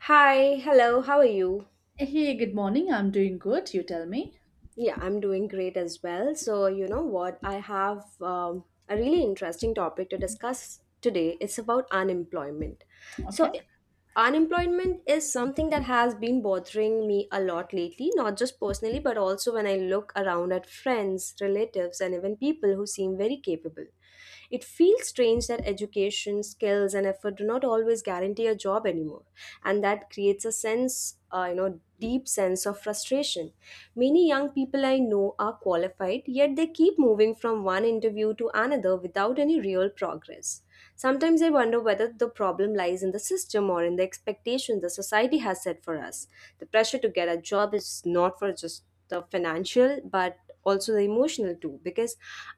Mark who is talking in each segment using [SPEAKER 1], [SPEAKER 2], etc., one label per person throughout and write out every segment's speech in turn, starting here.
[SPEAKER 1] Hi, hello, how are you?
[SPEAKER 2] Hey, good morning. I'm doing good. You tell me.
[SPEAKER 1] Yeah, I'm doing great as well. So, you know what? I have a really interesting topic to discuss today. It's about unemployment.
[SPEAKER 2] Okay.
[SPEAKER 1] So, unemployment is something that has been bothering me a lot lately, not just personally, but also when I look around at friends, relatives, and even people who seem very capable. It feels strange that education, skills, and effort do not always guarantee a job anymore, and that creates a sense, deep sense of frustration. Many young people I know are qualified, yet they keep moving from one interview to another without any real progress. Sometimes I wonder whether the problem lies in the system or in the expectation the society has set for us. The pressure to get a job is not for just the financial but also the emotional too, because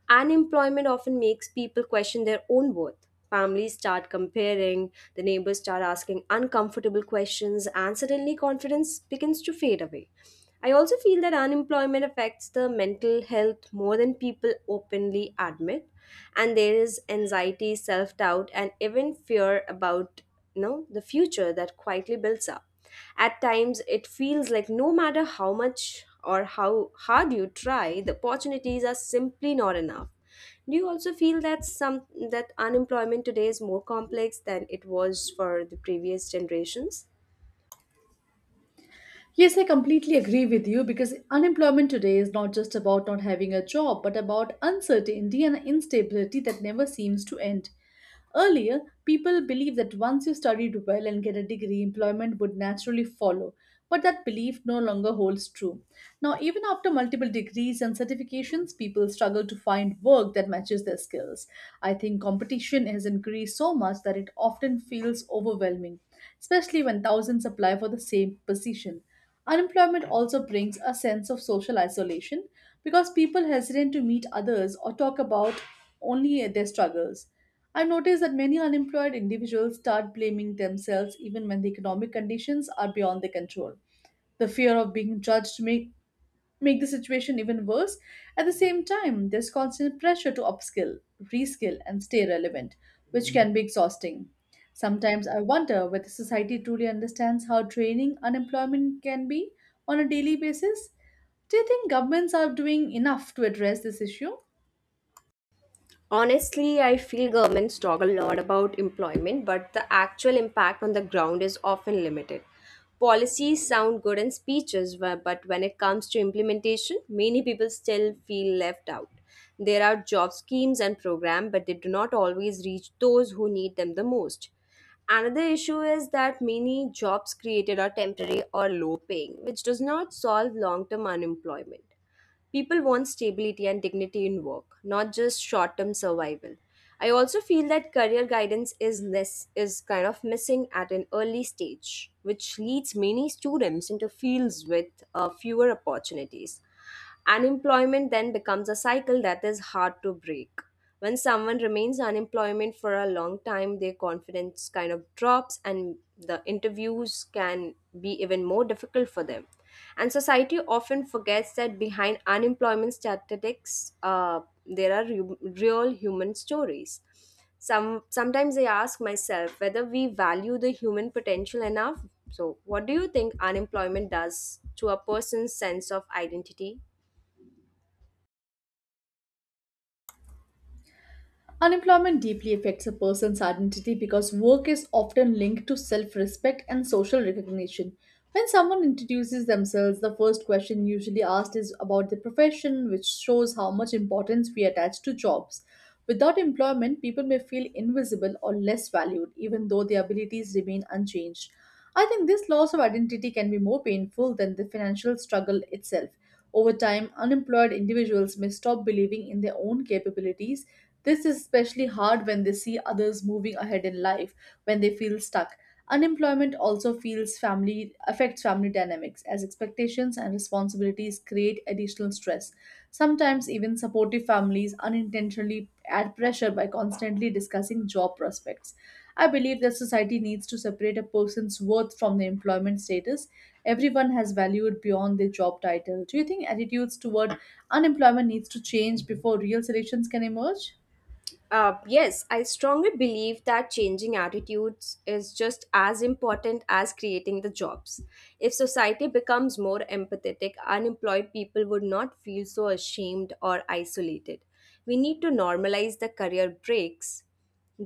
[SPEAKER 1] unemployment often makes people question their own worth. Families start comparing, the neighbors start asking uncomfortable questions, and suddenly confidence begins to fade away. I also feel that unemployment affects the mental health more than people openly admit, and there is anxiety, self doubt, and even fear about the future that quietly builds up. At times, it feels like no matter how much or how hard you try, the opportunities are simply not enough. Do you also feel that some that unemployment today is more complex than it was for the previous generations?
[SPEAKER 2] Yes, I completely agree with you because unemployment today is not just about not having a job, but about uncertainty and instability that never seems to end. Earlier, people believed that once you studied well and get a degree, employment would naturally follow. But that belief no longer holds true. Now, even after multiple degrees and certifications, people struggle to find work that matches their skills. I think competition has increased so much that it often feels overwhelming, especially when thousands apply for the same position. Unemployment also brings a sense of social isolation because people hesitate to meet others or talk about only their struggles. I have noticed that many unemployed individuals start blaming themselves even when the economic conditions are beyond their control. The fear of being judged make the situation even worse. At the same time, there's constant pressure to upskill, reskill, and stay relevant, which can be exhausting. Sometimes I wonder whether society truly understands how draining unemployment can be on a daily basis. Do you think governments are doing enough to address this issue?
[SPEAKER 1] Honestly, I feel governments talk a lot about employment, but the actual impact on the ground is often limited. Policies sound good in speeches, but when it comes to implementation, many people still feel left out. There are job schemes and programs, but they do not always reach those who need them the most. Another issue is that many jobs created are temporary or low paying, which does not solve long term unemployment. People want stability and dignity in work, not just short term survival. I also feel that career guidance is kind of missing at an early stage, which leads many students into fields with fewer opportunities. Unemployment then becomes a cycle that is hard to break. When someone remains unemployment for a long time, their confidence kind of drops, and the interviews can be even more difficult for them. And society often forgets that behind unemployment statistics, there are real human stories. Sometimes I ask myself whether we value the human potential enough. So, what do you think unemployment does to a person's sense of identity?
[SPEAKER 2] Unemployment deeply affects a person's identity because work is often linked to self respect and social recognition. When someone introduces themselves, the first question usually asked is about their profession, which shows how much importance we attach to jobs. Without employment, people may feel invisible or less valued, even though their abilities remain unchanged. I think this loss of identity can be more painful than the financial struggle itself over time, unemployed individuals may stop believing in their own capabilities. This is especially hard when they see others moving ahead in life, when they feel stuck. Unemployment also feels family affects family dynamics as expectations and responsibilities create additional stress. Sometimes even supportive families unintentionally add pressure by constantly discussing job prospects. I believe that society needs to separate a person's worth from their employment status. Everyone has valued beyond their job title. Do you think attitudes toward unemployment needs to change before real solutions can emerge?
[SPEAKER 1] Yes, I strongly believe that changing attitudes is just as important as creating the jobs. If society becomes more empathetic, unemployed people would not feel so ashamed or isolated. We need to normalize the career breaks,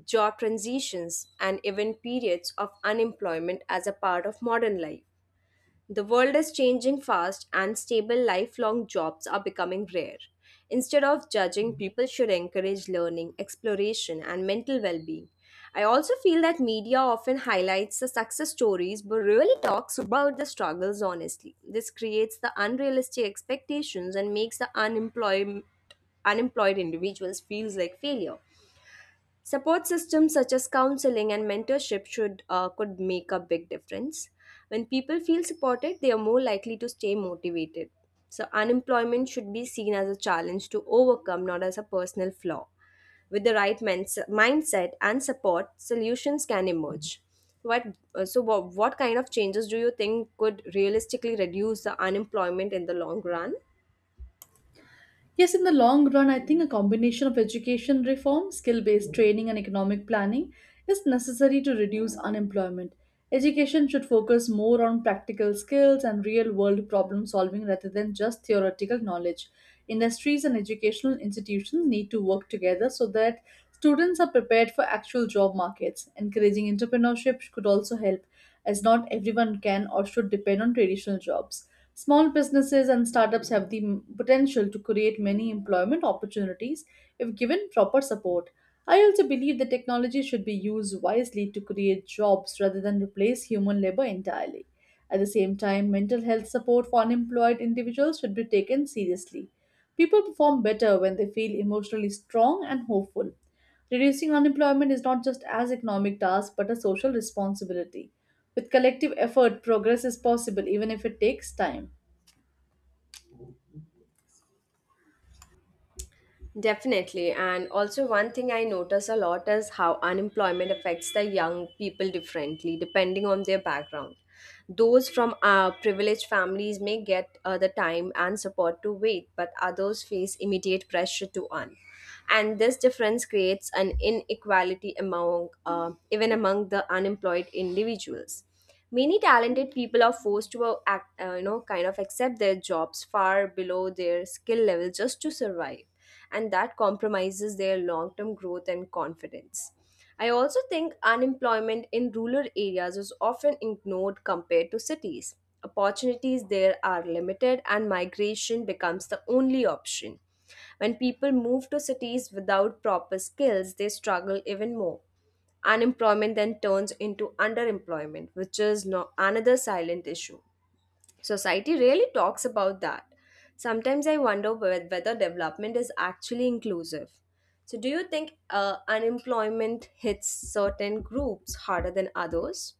[SPEAKER 1] job transitions, and even periods of unemployment as a part of modern life. The world is changing fast, and stable lifelong jobs are becoming rare. Instead of judging, people should encourage learning, exploration, and mental well being. I also feel that media often highlights the success stories but really talks about the struggles honestly. This creates the unrealistic expectations and makes the unemployed individuals feels like failure. Support systems such as counseling and mentorship should could make a big difference. When people feel supported, they are more likely to stay motivated. So unemployment should be seen as a challenge to overcome, not as a personal flaw. With the right mindset and support, solutions can emerge. What so what kind of changes do you think could realistically reduce the unemployment in the long run?
[SPEAKER 2] Yes, in the long run, I think a combination of education reform, skill based training, and economic planning is necessary to reduce unemployment. Education should focus more on practical skills and real world problem solving rather than just theoretical knowledge. Industries and educational institutions need to work together so that students are prepared for actual job markets. Encouraging entrepreneurship could also help, as not everyone can or should depend on traditional jobs. Small businesses and startups have the potential to create many employment opportunities if given proper support. I also believe that technology should be used wisely to create jobs rather than replace human labor entirely. At the same time, mental health support for unemployed individuals should be taken seriously. People perform better when they feel emotionally strong and hopeful. Reducing unemployment is not just as economic task but a social responsibility. With collective effort, progress is possible even if it takes time.
[SPEAKER 1] Definitely. And also, one thing I notice a lot is how unemployment affects the young people differently depending on their background. Those from privileged families may get the time and support to wait, but others face immediate pressure to earn. And this difference creates an inequality among even among the unemployed individuals. Many talented people are forced to act, you know kind of accept their jobs far below their skill level just to survive, and that compromises their long term growth and confidence. I also think unemployment in rural areas is often ignored compared to cities. Opportunities there are limited and migration becomes the only option. When people move to cities without proper skills, they struggle even more. Unemployment then turns into underemployment, which is no, another silent issue. Society really talks about that. Sometimes I wonder whether development is actually inclusive. So, do you think unemployment hits certain groups harder than others?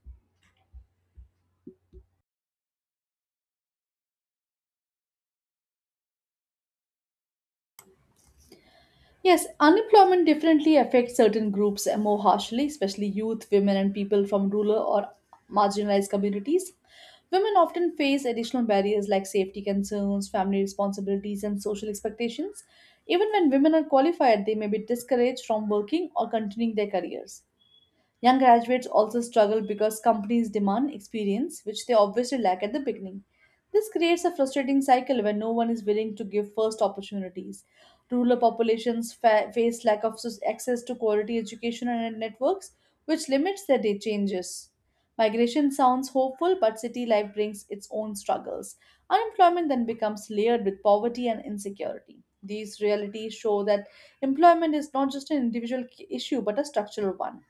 [SPEAKER 2] Yes, unemployment differently affects certain groups more harshly, especially youth, women, and people from rural or marginalized communities. Women often face additional barriers like safety concerns, family responsibilities, and social expectations. Even when women are qualified, they may be discouraged from working or continuing their careers. Young graduates also struggle because companies demand experience, which they obviously lack at the beginning. This creates a frustrating cycle where no one is willing to give first opportunities. Rural populations face lack of access to quality education and networks, which limits their day changes. Migration sounds hopeful, but city life brings its own struggles. Unemployment then becomes layered with poverty and insecurity. These realities show that employment is not just an individual issue but a structural one.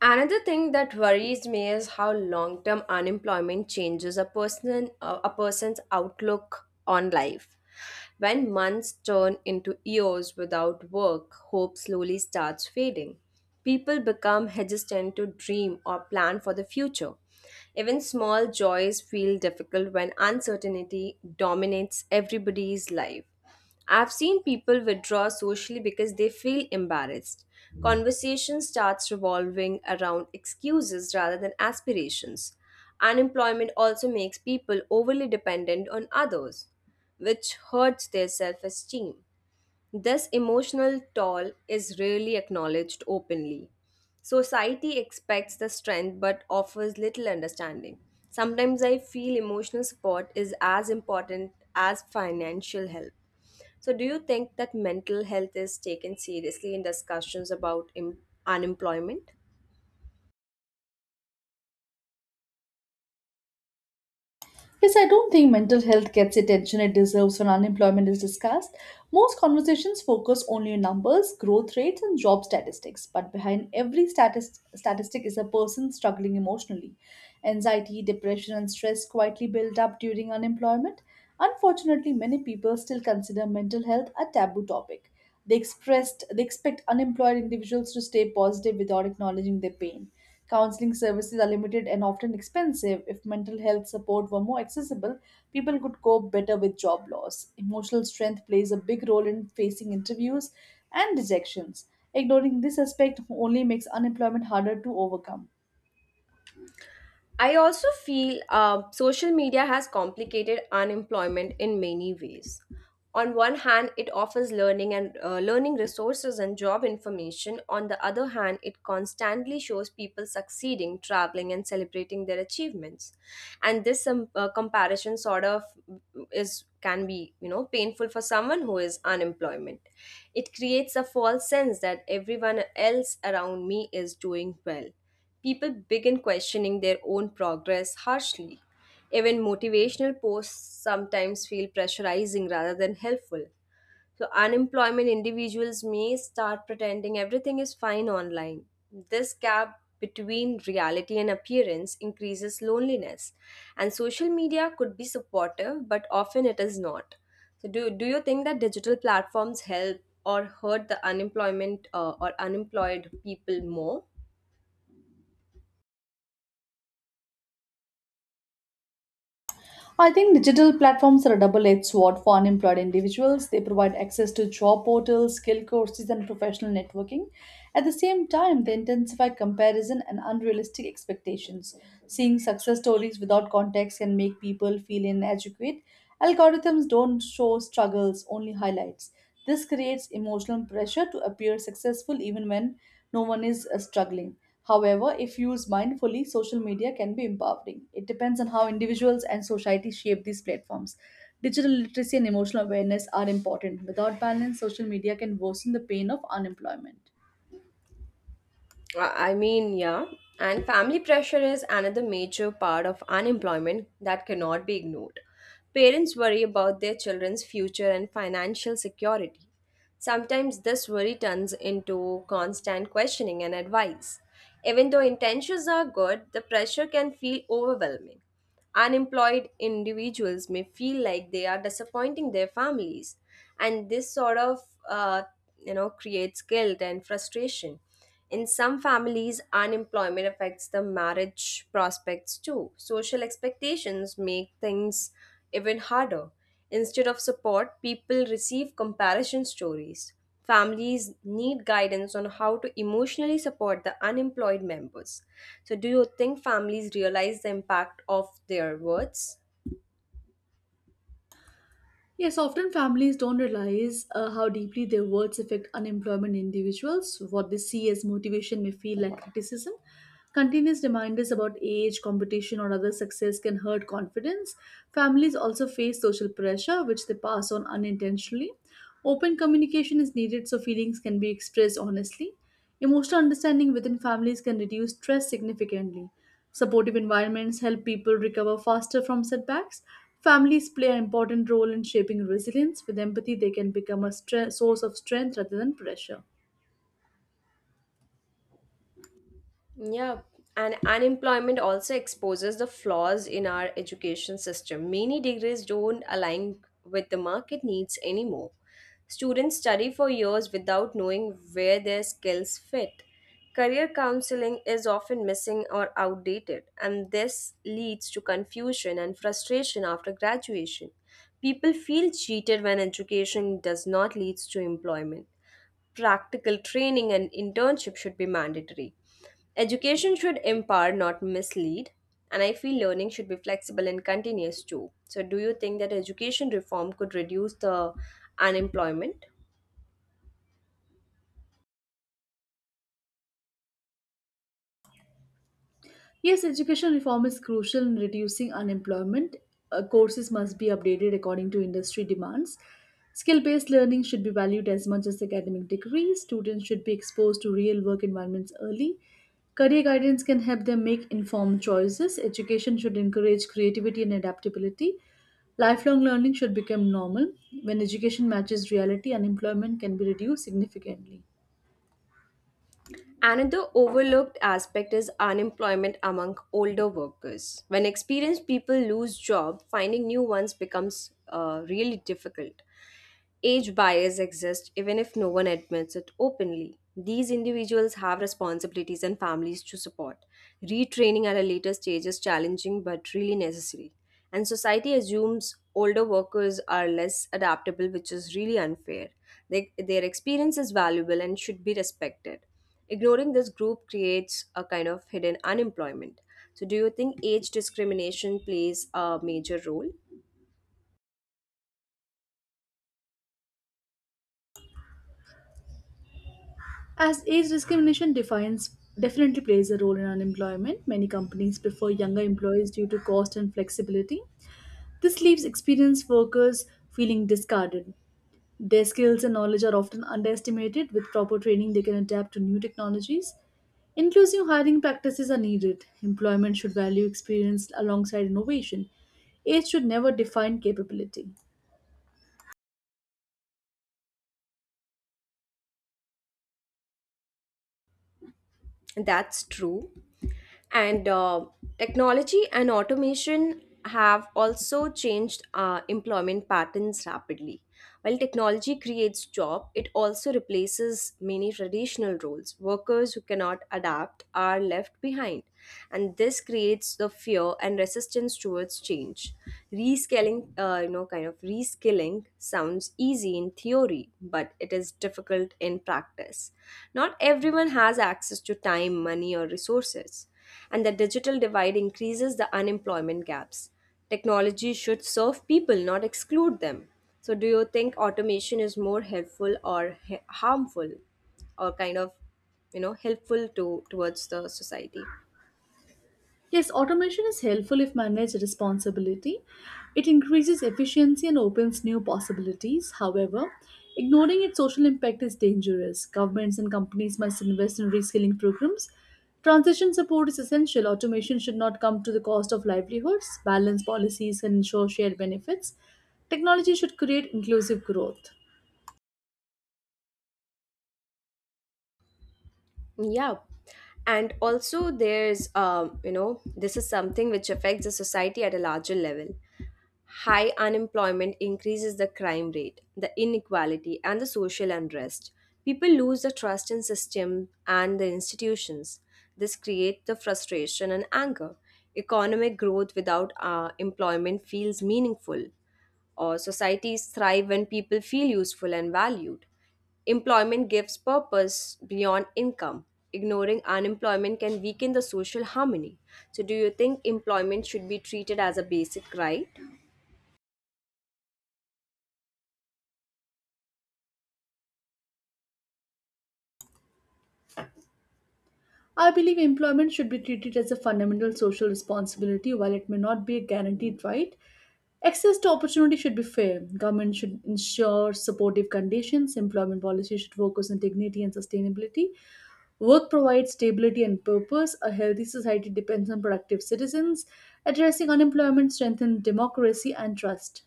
[SPEAKER 1] Another thing that worries me is how long-term unemployment changes a person's outlook on life. When months turn into years without work, hope slowly starts fading. People become hesitant to dream or plan for the future. Even small joys feel difficult when uncertainty dominates everybody's life. I've seen people withdraw socially because they feel embarrassed. Conversation starts revolving around excuses rather than aspirations. Unemployment also makes people overly dependent on others, which hurts their self esteem. This emotional toll is rarely acknowledged openly. Society expects the strength but offers little understanding. Sometimes I feel emotional support is as important as financial help. So, do you think that mental health is taken seriously in discussions about unemployment?
[SPEAKER 2] Yes, I don't think mental health gets the attention it deserves when unemployment is discussed. Most conversations focus only on numbers, growth rates, and job statistics, but behind every statistic is a person struggling emotionally. Anxiety, depression, and stress quietly build up during unemployment. Unfortunately, many people still consider mental health a taboo topic. They expressed they expect unemployed individuals to stay positive without acknowledging their pain. Counseling services are limited and often expensive. If mental health support were more accessible, people could cope better with job loss. Emotional strength plays a big role in facing interviews and rejections. Ignoring this aspect only makes unemployment harder to overcome.
[SPEAKER 1] I also feel social media has complicated unemployment in many ways. On one hand, it offers learning and learning resources and job information. On the other hand, it constantly shows people succeeding, traveling, and celebrating their achievements. And this comparison sort of mm, is can be, you know, painful for someone who is unemployment. It creates a false sense that everyone else around me is doing well. People begin questioning their own progress harshly. Even motivational posts sometimes feel pressurizing rather than helpful. So, unemployment individuals may start pretending everything is fine online. This gap between reality and appearance increases loneliness. And social media could be supportive, but often it is not. So, do you think that digital platforms help or hurt the unemployment or unemployed people more?
[SPEAKER 2] I think digital platforms are a double edged sword for unemployed individuals. They provide access to job portals, skill courses, and professional networking. At the same time, they intensify comparison and unrealistic expectations. Seeing success stories without context can make people feel inadequate. Algorithms don't show struggles, only highlights. This creates emotional pressure to appear successful even when no one is struggling. However, if used mindfully, social media can be empowering. It depends on how individuals and society shape these platforms. Digital literacy and emotional awareness are important. Without balance, social media can worsen the pain of unemployment.
[SPEAKER 1] Yeah. And family pressure is another major part of unemployment that cannot be ignored. Parents worry about their children's future and financial security. Sometimes this worry turns into constant questioning and advice. Even though intentions are good, the pressure can feel overwhelming. Unemployed individuals may feel like they are disappointing their families, and this uh, creates guilt and frustration. In some families, unemployment affects the marriage prospects too. Social expectations make things even harder. Instead of support, people receive comparison stories. Families need guidance on how to emotionally support the unemployed members. So, do you think families realize the impact of their words?
[SPEAKER 2] Yes, often families don't realize how deeply their words affect unemployment individuals. What they see as motivation may feel like criticism. Continuous reminders about age, competition, or other success can hurt confidence. Families also face social pressure, which they pass on unintentionally. Open communication is needed so feelings can be expressed honestly. Emotional understanding within families can reduce stress significantly. Supportive environments help people recover faster from setbacks. Families play an important role in shaping resilience. With empathy, they can become a source of strength rather than pressure.
[SPEAKER 1] Yeah, and unemployment also exposes the flaws in our education system. Many degrees don't align with the market needs anymore. Students study for years without knowing where their skills fit. Career counseling is often missing or outdated, and this leads to confusion and frustration after graduation. People feel cheated when education does not lead to employment. Practical training and internship should be mandatory. Education should empower, not mislead. And I feel learning should be flexible and continuous too. So, do you think that education reform could reduce the unemployment?
[SPEAKER 2] Yes, education reform is crucial in reducing unemployment. Courses must be updated according to industry demands. Skill based learning should be valued as much as academic degrees. Students should be exposed to real work environments early. Career guidance can help them make informed choices. Education should encourage creativity and adaptability. Lifelong learning should become normal. When education matches reality, unemployment can be reduced significantly.
[SPEAKER 1] Another overlooked aspect is unemployment among older workers. When experienced people lose job, finding new ones becomes really difficult. Age bias exists even if no one admits it openly. These individuals have responsibilities and families to support. Retraining at a later stage is challenging but really necessary. And society assumes older workers are less adaptable, which is really unfair. Their experience is valuable and should be respected. Ignoring this group creates a kind of hidden unemployment. So, do you think age discrimination plays a major role?
[SPEAKER 2] As age discrimination defines definitely plays a role in unemployment, many companies prefer younger employees due to cost and flexibility. This leaves experienced workers feeling discarded. Their skills and knowledge are often underestimated. With proper training, they can adapt to new technologies. Inclusive hiring practices are needed. Employment should value experience alongside innovation. Age should never define capability.
[SPEAKER 1] That's true. And technology and automation have also changed employment patterns rapidly. While technology creates job, it also replaces many traditional roles. Workers who cannot adapt are left behind, and this creates the fear and resistance towards change. Rescaling, you know, kind of Reskilling sounds easy in theory, but it is difficult in practice. Not everyone has access to time, money, or resources, and the digital divide increases the unemployment gaps. Technology should serve people, not exclude them. So, do you think automation is more helpful or harmful, or kind of, you know, helpful to towards the society?
[SPEAKER 2] Yes, automation is helpful if managed responsibility. It increases efficiency and opens new possibilities. However, ignoring its social impact is dangerous. Governments and companies must invest in reskilling programs. Transition support is essential. Automation should not come to the cost of livelihoods. Balanced policies can ensure shared benefits. Technology should create inclusive growth.
[SPEAKER 1] Yeah, and also there's this is something which affects the society at a larger level. High unemployment increases the crime rate, the inequality, and the social unrest. People lose the trust in system and the institutions. This creates the frustration and anger. Economic growth without employment feels meaningful. Or societies thrive when people feel useful and valued. Employment gives purpose beyond income. Ignoring unemployment can weaken the social harmony. So, do you think employment should be treated as a basic right?
[SPEAKER 2] I believe employment should be treated as a fundamental social responsibility while it may not be a guaranteed right. Access to opportunity should be fair. Government should ensure supportive conditions. Employment policy should focus on dignity and sustainability. Work provides stability and purpose. A healthy society depends on productive citizens. Addressing unemployment strengthens democracy and trust.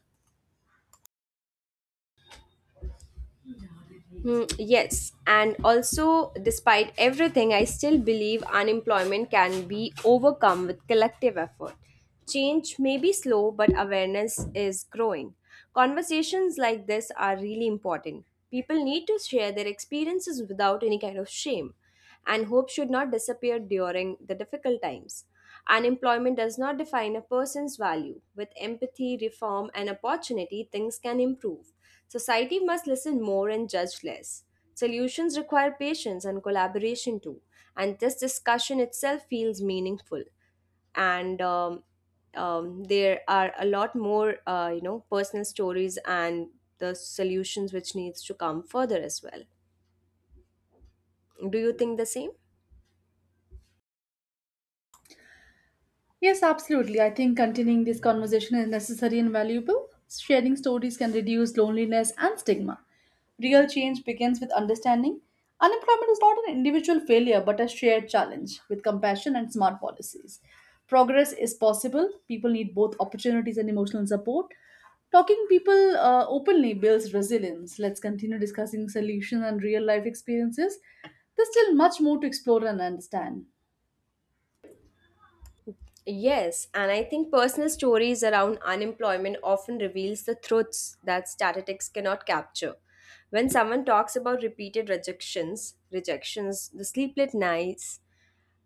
[SPEAKER 1] Hmm, yes, and also, despite everything, I still believe unemployment can be overcome with collective effort. Change may be slow, but awareness is growing. Conversations like this are really important. People need to share their experiences without any kind of shame and hope should not disappear during the difficult times. Unemployment does not define a person's value. With empathy, reform, and opportunity, things can improve. Society must listen more and judge less. Solutions require patience and collaboration too, and this discussion itself feels meaningful. And there are a lot more, personal stories and the solutions which needs to come further as well. Do you think the same?
[SPEAKER 2] Yes, absolutely. I think continuing this conversation is necessary and valuable. Sharing stories can reduce loneliness and stigma. Real change begins with understanding. Unemployment is not an individual failure but a shared challenge with compassion and smart policies. Progress is possible. People need both opportunities and emotional support. Talking people openly builds resilience. Let's continue discussing solutions and real life experiences. There's still much more to explore and understand.
[SPEAKER 1] Yes, and I think personal stories around unemployment often reveals the truths that statistics cannot capture. When someone talks about repeated rejections, the sleepless nights,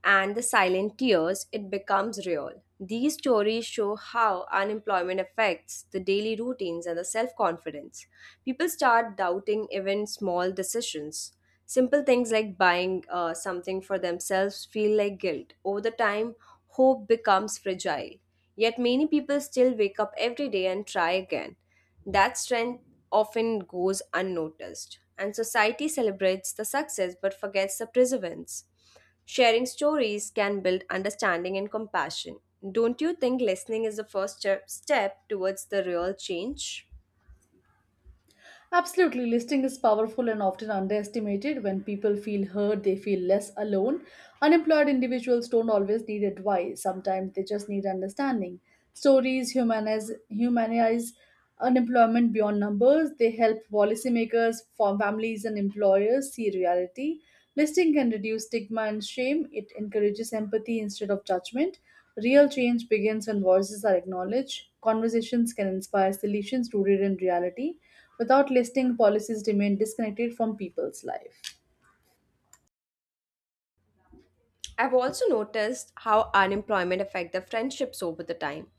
[SPEAKER 1] and the silent tears, it becomes real. These stories show how unemployment affects the daily routines and the self confidence. People start doubting even small decisions. Simple things like buying something for themselves feel like guilt. Over the time, hope becomes fragile. Yet many people still wake up every day and try again. That strength often goes unnoticed, and society celebrates the success but forgets the perseverance. Sharing stories can build understanding and compassion. Don't you think listening is the first step towards the real change?
[SPEAKER 2] Absolutely, listing is powerful and often underestimated. When people feel heard, they feel less alone. Unemployed individuals don't always need advice, sometimes they just need understanding. Stories humanize unemployment beyond numbers, they help policymakers, form families, and employers see reality. Listing can reduce stigma and shame, it encourages empathy instead of judgment. Real change begins when voices are acknowledged. Conversations can inspire solutions rooted in reality without listing policies remain disconnected from people's life.
[SPEAKER 1] I've also noticed how unemployment affect the friendships over the time.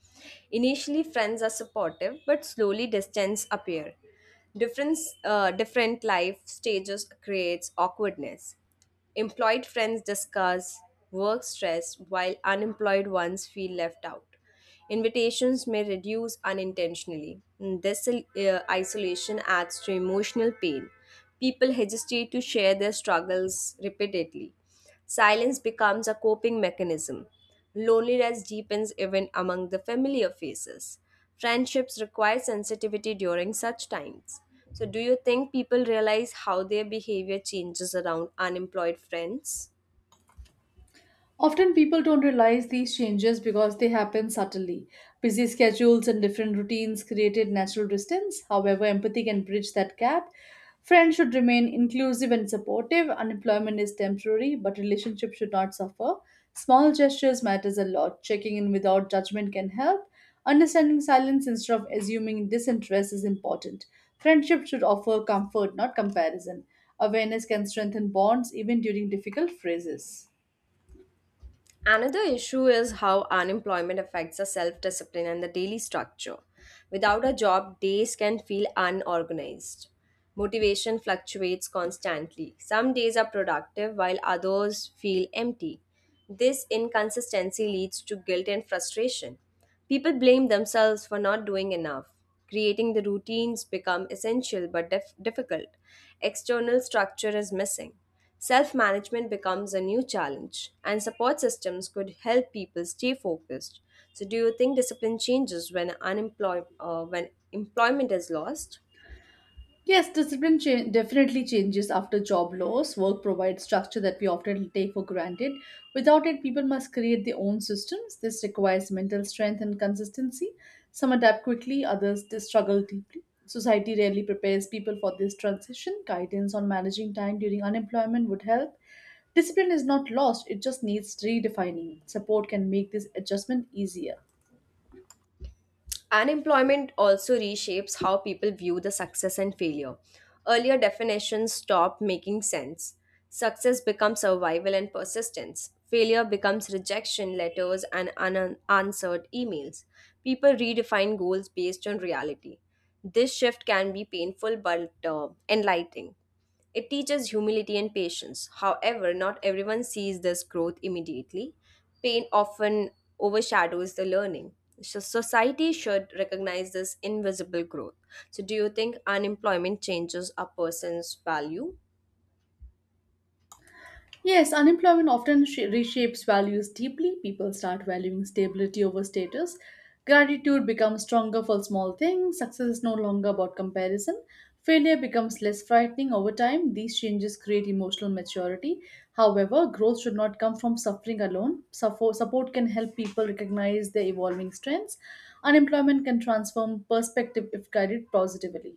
[SPEAKER 1] Initially, friends are supportive, but slowly distance appear. Different life stages creates awkwardness. Employed friends discuss work stress while unemployed ones feel left out. Invitations may reduce unintentionally. This isolation adds to emotional pain. People hesitate to share their struggles repeatedly. Silence becomes a coping mechanism. Loneliness deepens even among the familiar faces. Friendships require sensitivity during such times. So, do you think people realize how their behavior changes around unemployed friends?
[SPEAKER 2] Often people don't realize these changes because they happen subtly. Busy schedules and different routines created natural distance. However, empathy can bridge that gap. Friends should remain inclusive and supportive. Unemployment is temporary, but relationships should not suffer. Small gestures matters a lot. Checking in without judgment can help. Understanding silence instead of assuming disinterest is important. Friendship should offer comfort, not comparison. Awareness can strengthen bonds even during difficult phases.
[SPEAKER 1] Another issue is how unemployment affects our self discipline and the daily structure. Without a job, days can feel unorganized. Motivation fluctuates constantly. Some days are productive while others feel empty. This inconsistency leads to guilt and frustration. People blame themselves for not doing enough. Creating the routines become essential but difficult. External structure is missing. Self-management becomes a new challenge, and support systems could help people stay focused. So, do you think discipline changes when unemployment when employment is lost?
[SPEAKER 2] Yes, discipline definitely changes after job loss. Work provides structure that we often take for granted. Without it, people must create their own systems. This requires mental strength and consistency. Some adapt quickly, others they struggle deeply. Society rarely prepares people for this transition. Guidance on managing time during unemployment would help. Discipline is not lost, it just needs redefining. Support can make this adjustment easier.
[SPEAKER 1] Unemployment also reshapes how people view the success and failure. Earlier definitions stop making sense. Success becomes survival and persistence. Failure becomes rejection letters and unanswered emails. People redefine goals based on reality. This shift can be painful but enlightening. It teaches humility and patience. However, not everyone sees this growth immediately. Pain often overshadows the learning. So, society should recognize this invisible growth. So, do you think unemployment changes a person's value?
[SPEAKER 2] Yes, unemployment often reshapes values deeply. People start valuing stability over status. Gratitude becomes stronger for small things. Success is no longer about comparison. Failure becomes less frightening over time. These changes create emotional maturity. However, growth should not come from suffering alone. Support can help people recognize their evolving strengths. Unemployment can transform perspective if guided positively.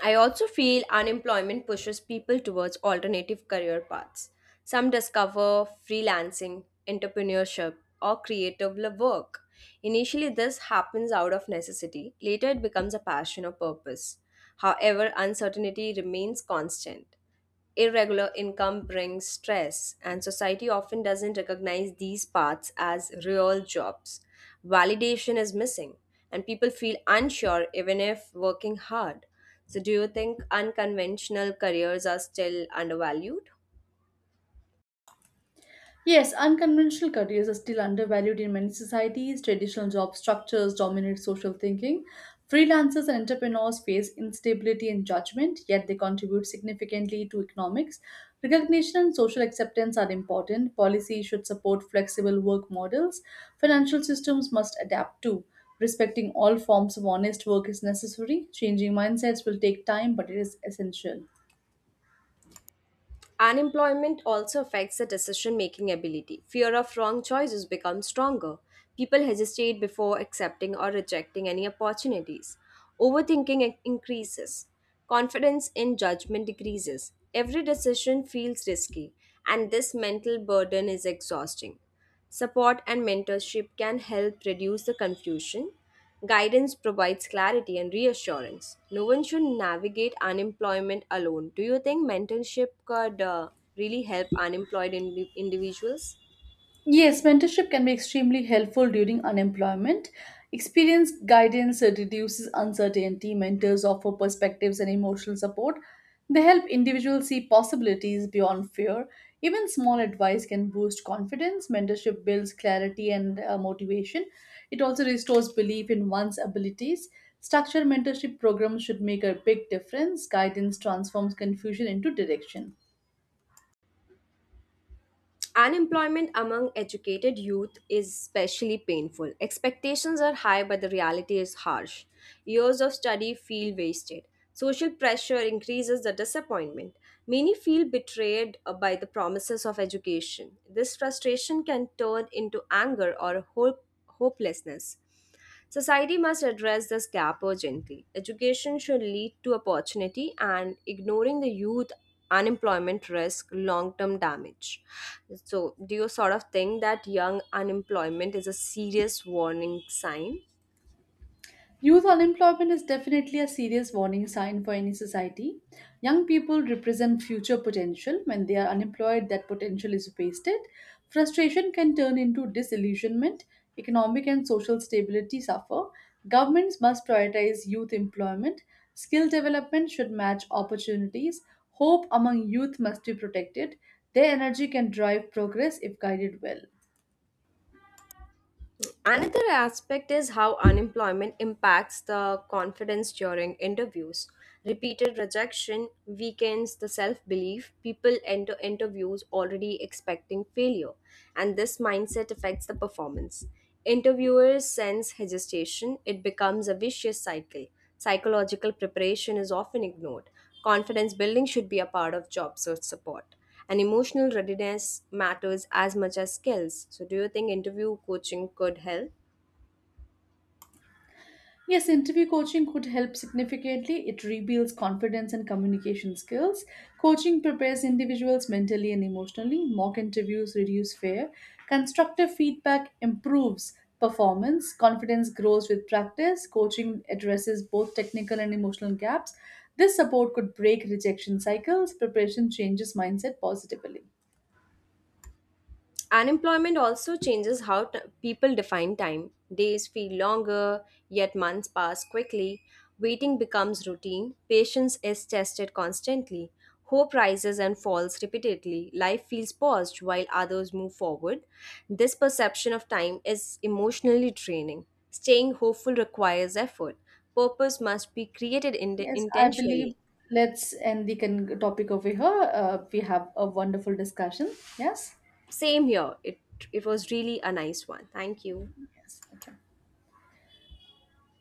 [SPEAKER 1] I also feel unemployment pushes people towards alternative career paths. Some discover freelancing, entrepreneurship, or creative work. Initially, this happens out of necessity. Later, it becomes a passion or purpose. However, uncertainty remains constant. Irregular income brings stress, and society often doesn't recognize these paths as real jobs. Validation is missing, and people feel unsure even if working hard. So, do you think unconventional careers are still undervalued?
[SPEAKER 2] Yes, unconventional careers are still undervalued in many societies. Traditional job structures dominate social thinking. Freelancers and entrepreneurs face instability and judgment, yet they contribute significantly to economics. Recognition and social acceptance are important. Policy should support flexible work models. Financial systems must adapt too. Respecting all forms of honest work is necessary. Changing mindsets will take time, but it is essential.
[SPEAKER 1] Unemployment also affects the decision making ability. Fear of wrong choices becomes stronger. People hesitate before accepting or rejecting any opportunities. Overthinking increases. Confidence in judgment decreases. Every decision feels risky, and this mental burden is exhausting. Support and mentorship can help reduce the confusion. Guidance provides clarity and reassurance. No one should navigate unemployment alone. Do you think mentorship could really help unemployed individuals?
[SPEAKER 2] Yes, mentorship can be extremely helpful during unemployment. Experienced guidance reduces uncertainty. Mentors offer perspectives and emotional support. They help individuals see possibilities beyond fear. Even small advice can boost confidence. Mentorship builds clarity and motivation. It also restores belief in one's abilities. Structured mentorship programs should make a big difference. Guidance transforms confusion into direction.
[SPEAKER 1] Unemployment among educated youth is especially painful. Expectations are high, but the reality is harsh. Years of study feel wasted. Social pressure increases the disappointment. Many feel betrayed by the promises of education. This frustration can turn into anger or hopelessness. Society must address this gap urgently. Education should lead to opportunity, and ignoring the youth unemployment risk long term damage. So, do you sort of think that young unemployment is a serious warning sign?
[SPEAKER 2] Youth unemployment is definitely a serious warning sign for any society. Young people represent future potential. When they are unemployed, that potential is wasted. Frustration can turn into disillusionment. Economic and social stability suffer. Governments must prioritize youth employment. Skill development should match opportunities. Hope among youth must be protected. Their energy can drive progress if guided well.
[SPEAKER 1] Another aspect is how unemployment impacts the confidence during interviews. Repeated rejection weakens the self belief. People enter interviews already expecting failure, and this mindset affects the performance. Interviewers sense hesitation, it becomes a vicious cycle. Psychological preparation is often ignored. Confidence building should be a part of job search support. And emotional readiness matters as much as skills. So, do you think interview coaching could help?
[SPEAKER 2] Yes, interview coaching could help significantly. It rebuilds confidence and communication skills. Coaching prepares individuals mentally and emotionally. Mock interviews reduce fear. Constructive feedback improves performance. Confidence grows with practice. Coaching addresses both technical and emotional gaps. This support could break rejection cycles. Preparation changes mindset positively.
[SPEAKER 1] Unemployment also changes how people define time. Days feel longer, yet months pass quickly. Waiting becomes routine. Patience is tested constantly. Hope rises and falls repeatedly. Life feels paused while others move forward. This perception of time is emotionally draining. Staying hopeful requires effort. Purpose must be created
[SPEAKER 2] Yes, I believe
[SPEAKER 1] intentionally.
[SPEAKER 2] let's end the topic over here. We have a wonderful discussion. Yes?
[SPEAKER 1] Same here. It was really a nice one. Thank you.
[SPEAKER 2] Yes. Okay.